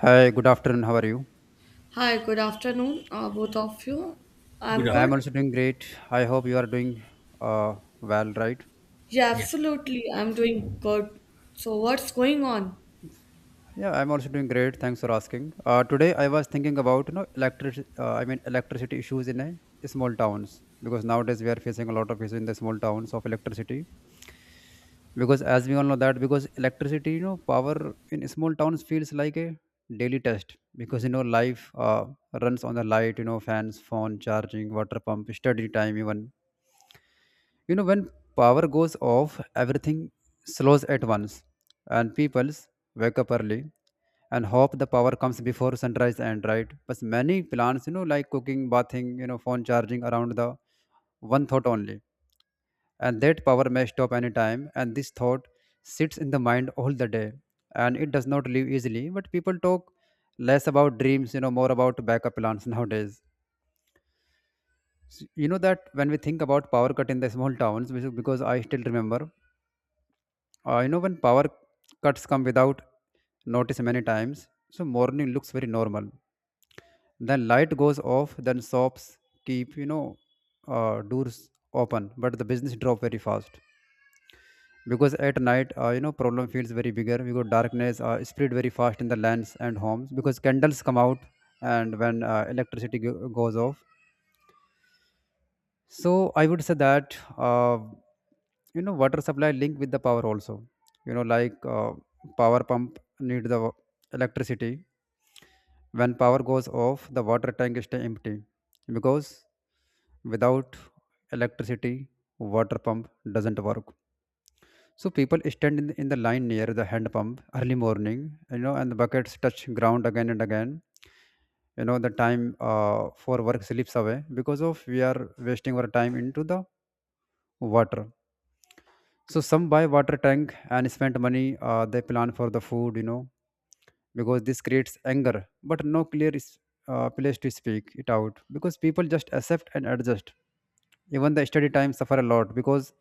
Hi, good afternoon. How are you? Hi, good afternoon, both of you. Good I'm I'm good. afternoon. also doing great. I hope you are doing uh, well, right? Yeah, Yeah, absolutely. I'm doing good. So, what's going on? Yeah, I'm also doing great. Thanks for asking. Today, I was thinking about electricity issues in a small towns because nowadays we are facing a lot of issues in the small towns of electricity. Because as we all know that because electricity, power in small towns feels like a daily test because life runs on the light, you know, fans, phone, charging, water pump, study time, even when power goes off, everything slows at once, and people wake up early and hope the power comes before sunrise, and right, but many plans, like cooking, bathing, phone charging around the one thought only, and that power may stop anytime, and this thought sits in the mind all the day and it does not leave easily, but people talk less about dreams, more about backup plans nowadays. You know that when we think about power cut in the small towns, which is because I still remember. When power cuts come without notice many times, so morning looks very normal. Then light goes off, then shops keep, doors open, but the business drop very fast. Because at night, problem feels very bigger because darkness spread very fast in the lands and homes, because candles come out and when goes off. So I would say that, water supply linked with the power also. You know, like power pump need the electricity. When power goes off, the water tank stay empty because without electricity, water pump doesn't work. So people stand in the line near the hand pump early morning. You know, and the buckets touch ground again and again. You know, the time for work slips away because of we are wasting our time into the water. So some buy water tank and spend money, they plan for the food, because this creates anger but no clear is, place to speak it out, because people just accept and adjust. Even the study time suffer a lot because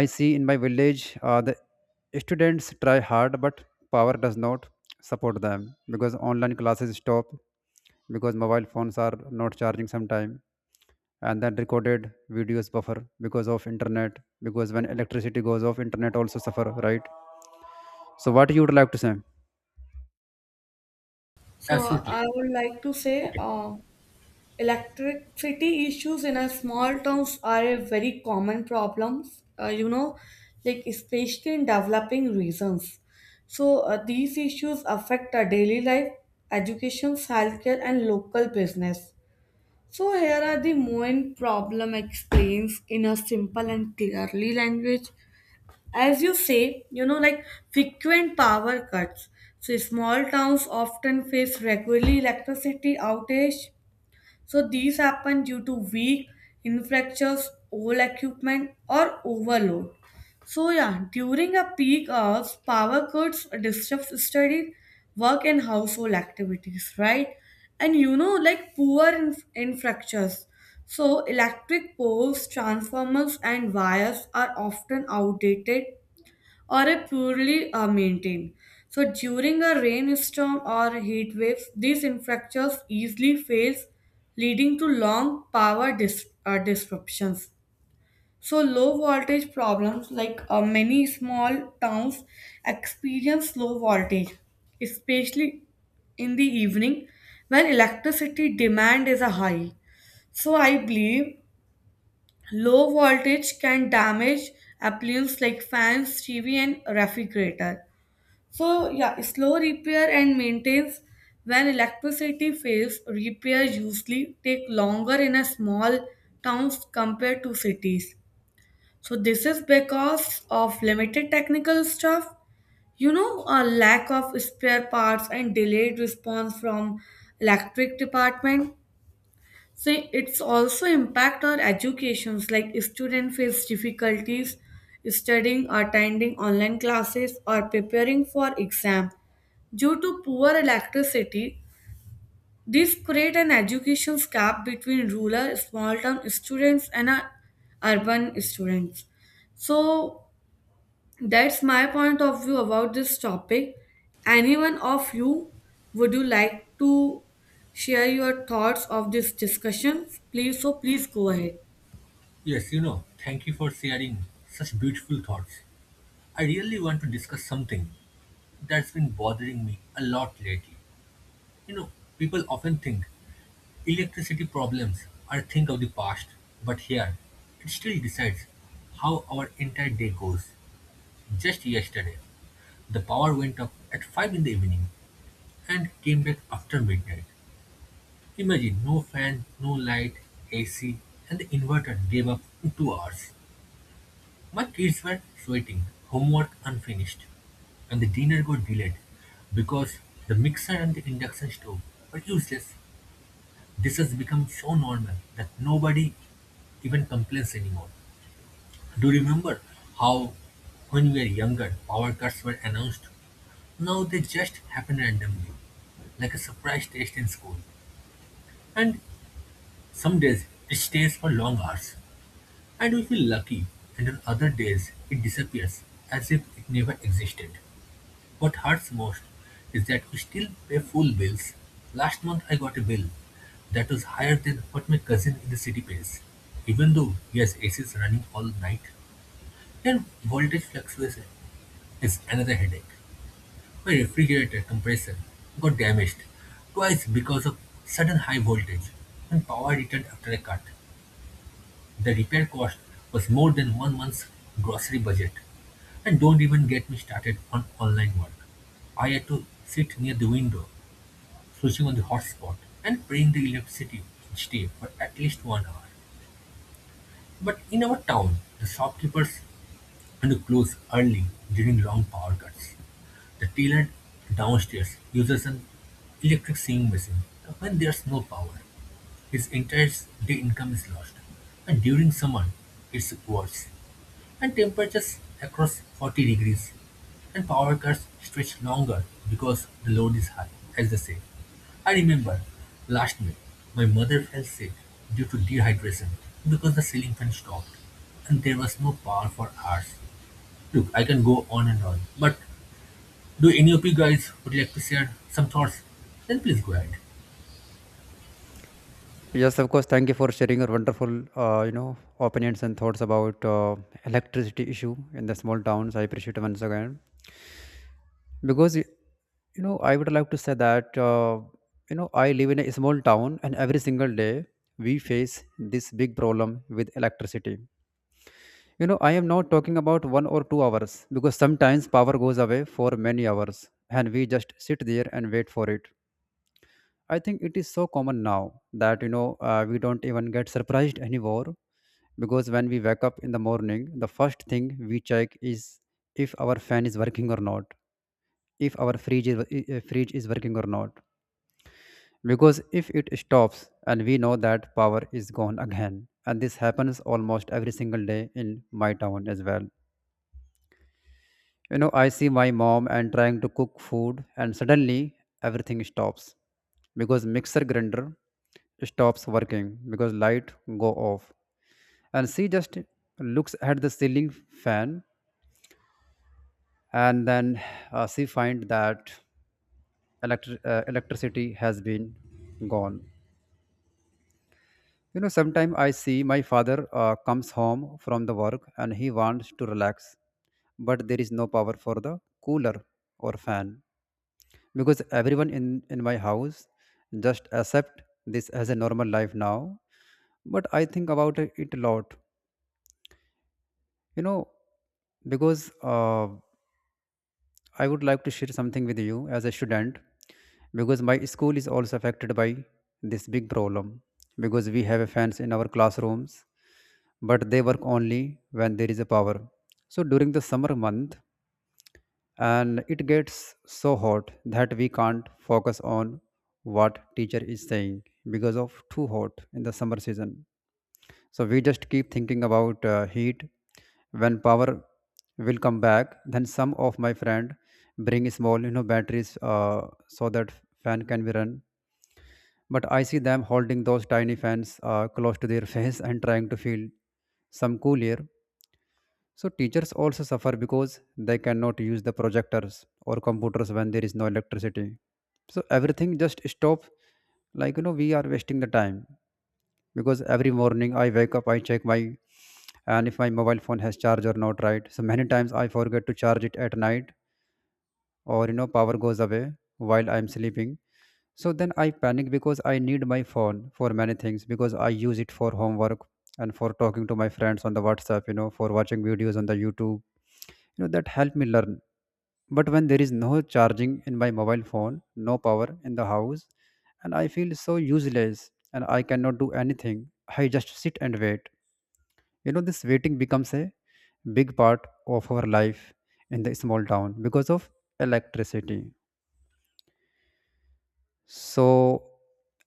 I see in my village, the students try hard but power does not support them, because online classes stop, because mobile phones are not charging sometime, and then recorded videos buffer because of internet, because when electricity goes off internet also suffer, right? So what you would like to say? So, absolutely. I would like to say Okay. Electricity issues in our small towns are a very common problems, like especially in developing regions. So, these issues affect our daily life, education, healthcare, and local business. So here are the main problem explains in a simple and clearly language. As you say, you know, like frequent power cuts. So small towns often face regularly electricity outage, so these happen due to weak infrastructures, old equipment, or overload. So yeah, during a peak hours, power cuts disrupt study, work, and household activities, right? And you know, like poor infrastructures. So electric poles, transformers, and wires are often outdated or are poorly maintained. So during a rainstorm or heat waves, these infrastructures easily fails, leading to long power disruptions. So low voltage problems like many small towns experience low voltage, especially in the evening when electricity demand is a high. So I believe low voltage can damage appliances like fans, TV and refrigerator. So yeah, slow repair and maintenance when electricity fails, repair usually take longer in a small towns compared to cities. So this is because of limited technical stuff, you know, a lack of spare parts and delayed response from electric department. So it's also impact our educations like student face difficulties studying, attending online classes or preparing for exam due to poor electricity. This create an education gap between rural small town students and urban students. So that's my point of view about this topic. Anyone of you would you like to share your thoughts of this discussion? Please, so please go ahead. Yes, thank you for sharing such beautiful thoughts. I really want to discuss something that's been bothering me a lot lately. You know, people often think electricity problems are a thing of the past, but here, it still decides how our entire day goes. Just yesterday, the power went up at 5 in the evening and came back after midnight. Imagine no fan, no light, AC, and the inverter gave up in 2 hours. My kids were sweating, homework unfinished, and the dinner got delayed because the mixer and the induction stove were useless. This has become so normal that nobody even complains anymore. Do you remember how, when we were younger, power cuts were announced? Now they just happen randomly, like a surprise test in school. And some days it stays for long hours, and we feel lucky, and on other days it disappears as if it never existed. What hurts most is that we still pay full bills. Last month I got a bill that was higher than what my cousin in the city pays, even though he has ACs running all night. And voltage fluctuation is another headache. My refrigerator compressor got damaged twice because of sudden high voltage and power returned after a cut. The repair cost was more than 1 month's grocery budget. And don't even get me started on online work. I had to sit near the window, switching on the hotspot, and praying the electricity each day for at least 1 hour. But in our town, the shopkeepers and close early during long power cuts. The tailor downstairs uses an electric sewing machine when there's no power. His entire day income is lost, and during summer, it's worse. And temperatures across 40 degrees, and power cuts stretch longer because the load is high, as they say. I remember last May, my mother fell sick due to dehydration because the ceiling fan stopped, and there was no power for hours. Look, I can go on and on, but do any of you guys would like to share some thoughts? Then please go ahead. Yes, of course. Thank you for sharing your wonderful, opinions and thoughts about electricity issue in the small towns. I appreciate it once again because, I would like to say that, I live in a small town, and every single day we face this big problem with electricity. You know, I am not talking about one or two hours because sometimes power goes away for many hours, and we just sit there and wait for it. I think it is so common now that we don't even get surprised anymore, because when we wake up in the morning the first thing we check is if our fan is working or not, if our fridge is working or not, because if it stops and we know that power is gone again, and this happens almost every single day in my town as well. You know, I see my mom and trying to cook food and suddenly everything stops, because mixer grinder stops working because light go off, and she just looks at the ceiling fan, and then she find that electricity has been gone. You know, sometimes I see my father comes home from the work, and he wants to relax, but there is no power for the cooler or fan, because everyone in my house just accept this as a normal life now, but I think about it a lot. You know, because I would like to share something with you as a student, because my school is also affected by this big problem, because we have fans in our classrooms but they work only when there is a power. So during the summer month, and it gets so hot that we can't focus on what teacher is saying, because of too hot in the summer season, so we just keep thinking about heat, when power will come back. Then some of my friend bring small, batteries, so that fan can be run. But I see them holding those tiny fans close to their face and trying to feel some cool air. So teachers also suffer because they cannot use the projectors or computers when there is no electricity. So everything just stop. Like, you know, we are wasting the time, because every morning I wake up, I check my and if my mobile phone has charge or not, right? So many times I forget to charge it at night, or you know power goes away while I'm sleeping, so then I panic because I need my phone for many things, because I use it for homework and for talking to my friends on the WhatsApp, you know, for watching videos on the YouTube, you know, that help me learn. But when there is no charging in my mobile phone, no power in the house, and I feel so useless and I cannot do anything, I just sit and wait. You know, this waiting becomes a big part of our life in the small town because of electricity. So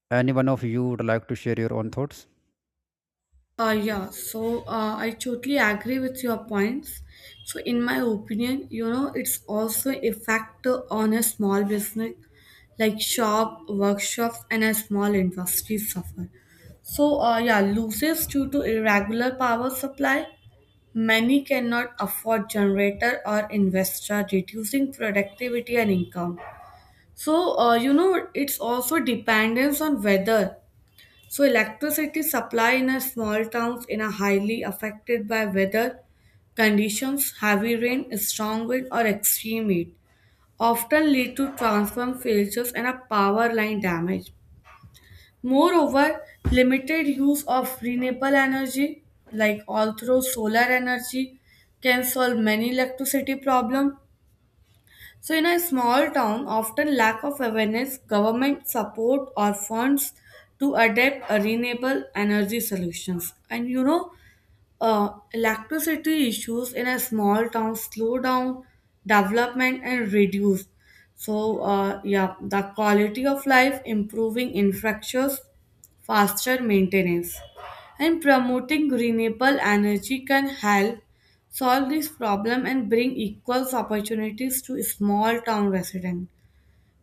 any one of you would like to share your own thoughts? Yeah, so, I totally agree with your points. So, in my opinion, you know, it's also a factor on a small business like shop, workshops, and a small industry suffer. So, yeah, losses due to irregular power supply. Many cannot afford generator or investor, reducing productivity and income. So, you know, it's also dependence on weather, so electricity supply in a small towns in a highly affected by weather conditions, heavy rain, strong wind, or extreme heat, often lead to transform failures and a power line damage. Moreover, limited use of renewable energy, like although solar energy, can solve many electricity problems. So, in a small town, often lack of awareness, government support, or funds to adapt a renewable energy solutions. And you know, electricity issues in a small town slow down development and reduce. So, yeah, the quality of life improving infrastructures, faster maintenance, and promoting renewable energy can help solve this problem and bring equal opportunities to small town residents.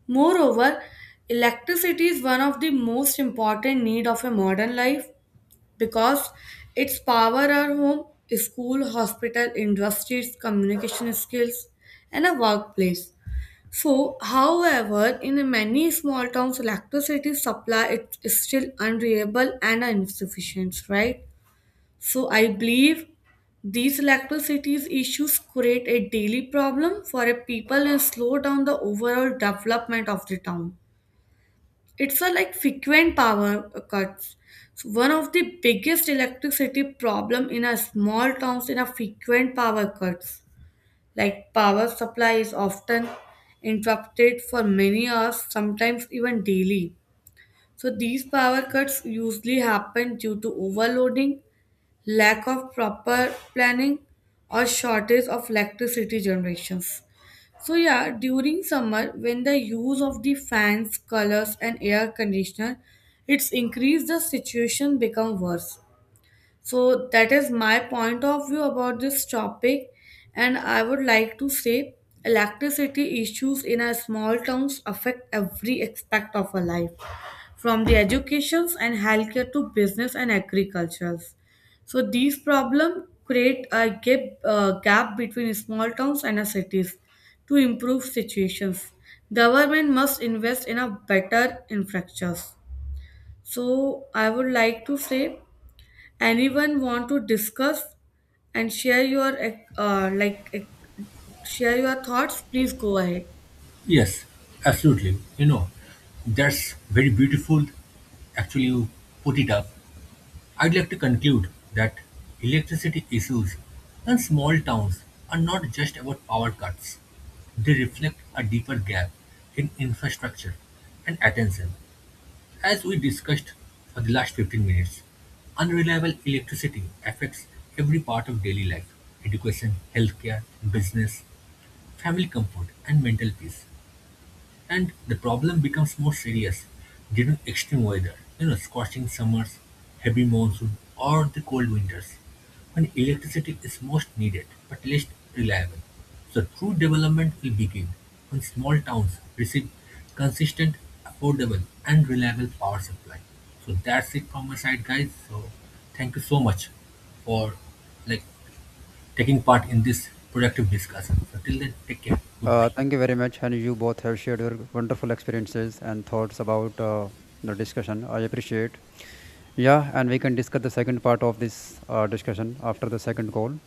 Moreover, electricity is one of the most important need of a modern life because its power are home, school, hospital, industries, communication skills, and a workplace. So, however, in many small towns, electricity supply it is still unreliable and insufficient, right? So, I believe these electricity issues create a daily problem for a people and slow down the overall development of the town. It's a like frequent power cuts. So one of the biggest electricity problem in a small towns in a frequent power cuts. Like power supply is often interrupted for many hours, sometimes even daily. So these power cuts usually happen due to overloading, lack of proper planning, or shortage of electricity generations. So yeah, during summer, when the use of the fans, colors, and air conditioner, it's increased the situation become worse. So that is my point of view about this topic, and I would like to say electricity issues in our small towns affect every aspect of our life from the educations and healthcare to business and agricultures. So these problems create a gap, gap between small towns and cities. To improve situations, government must invest in a better infrastructures. So I would like to say, anyone want to discuss and share your uh, like uh, share your thoughts? Please go ahead. Yes, absolutely. You know, that's very beautiful. Actually, you put it up. I'd like to conclude that electricity issues in small towns are not just about power cuts. They reflect a deeper gap in infrastructure and attention. As we discussed for the last 15 minutes, unreliable electricity affects every part of daily life, education, healthcare, business, family comfort, and mental peace. And the problem becomes more serious during extreme weather, you know, scorching summers, heavy monsoon, or the cold winters, when electricity is most needed but least reliable. So true development will begin when small towns receive consistent, affordable, and reliable power supply. So that's it from my side, guys. So thank you so much for, like, taking part in this productive discussion. So till then, take care. Goodbye. Thank you very much, and you both have shared your wonderful experiences and thoughts about the discussion, I appreciate. Yeah, and we can discuss the second part of this discussion after the second call.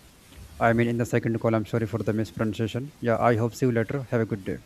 I mean in the second call, I'm sorry for the mispronunciation. Yeah, I hope see you later, have a good day.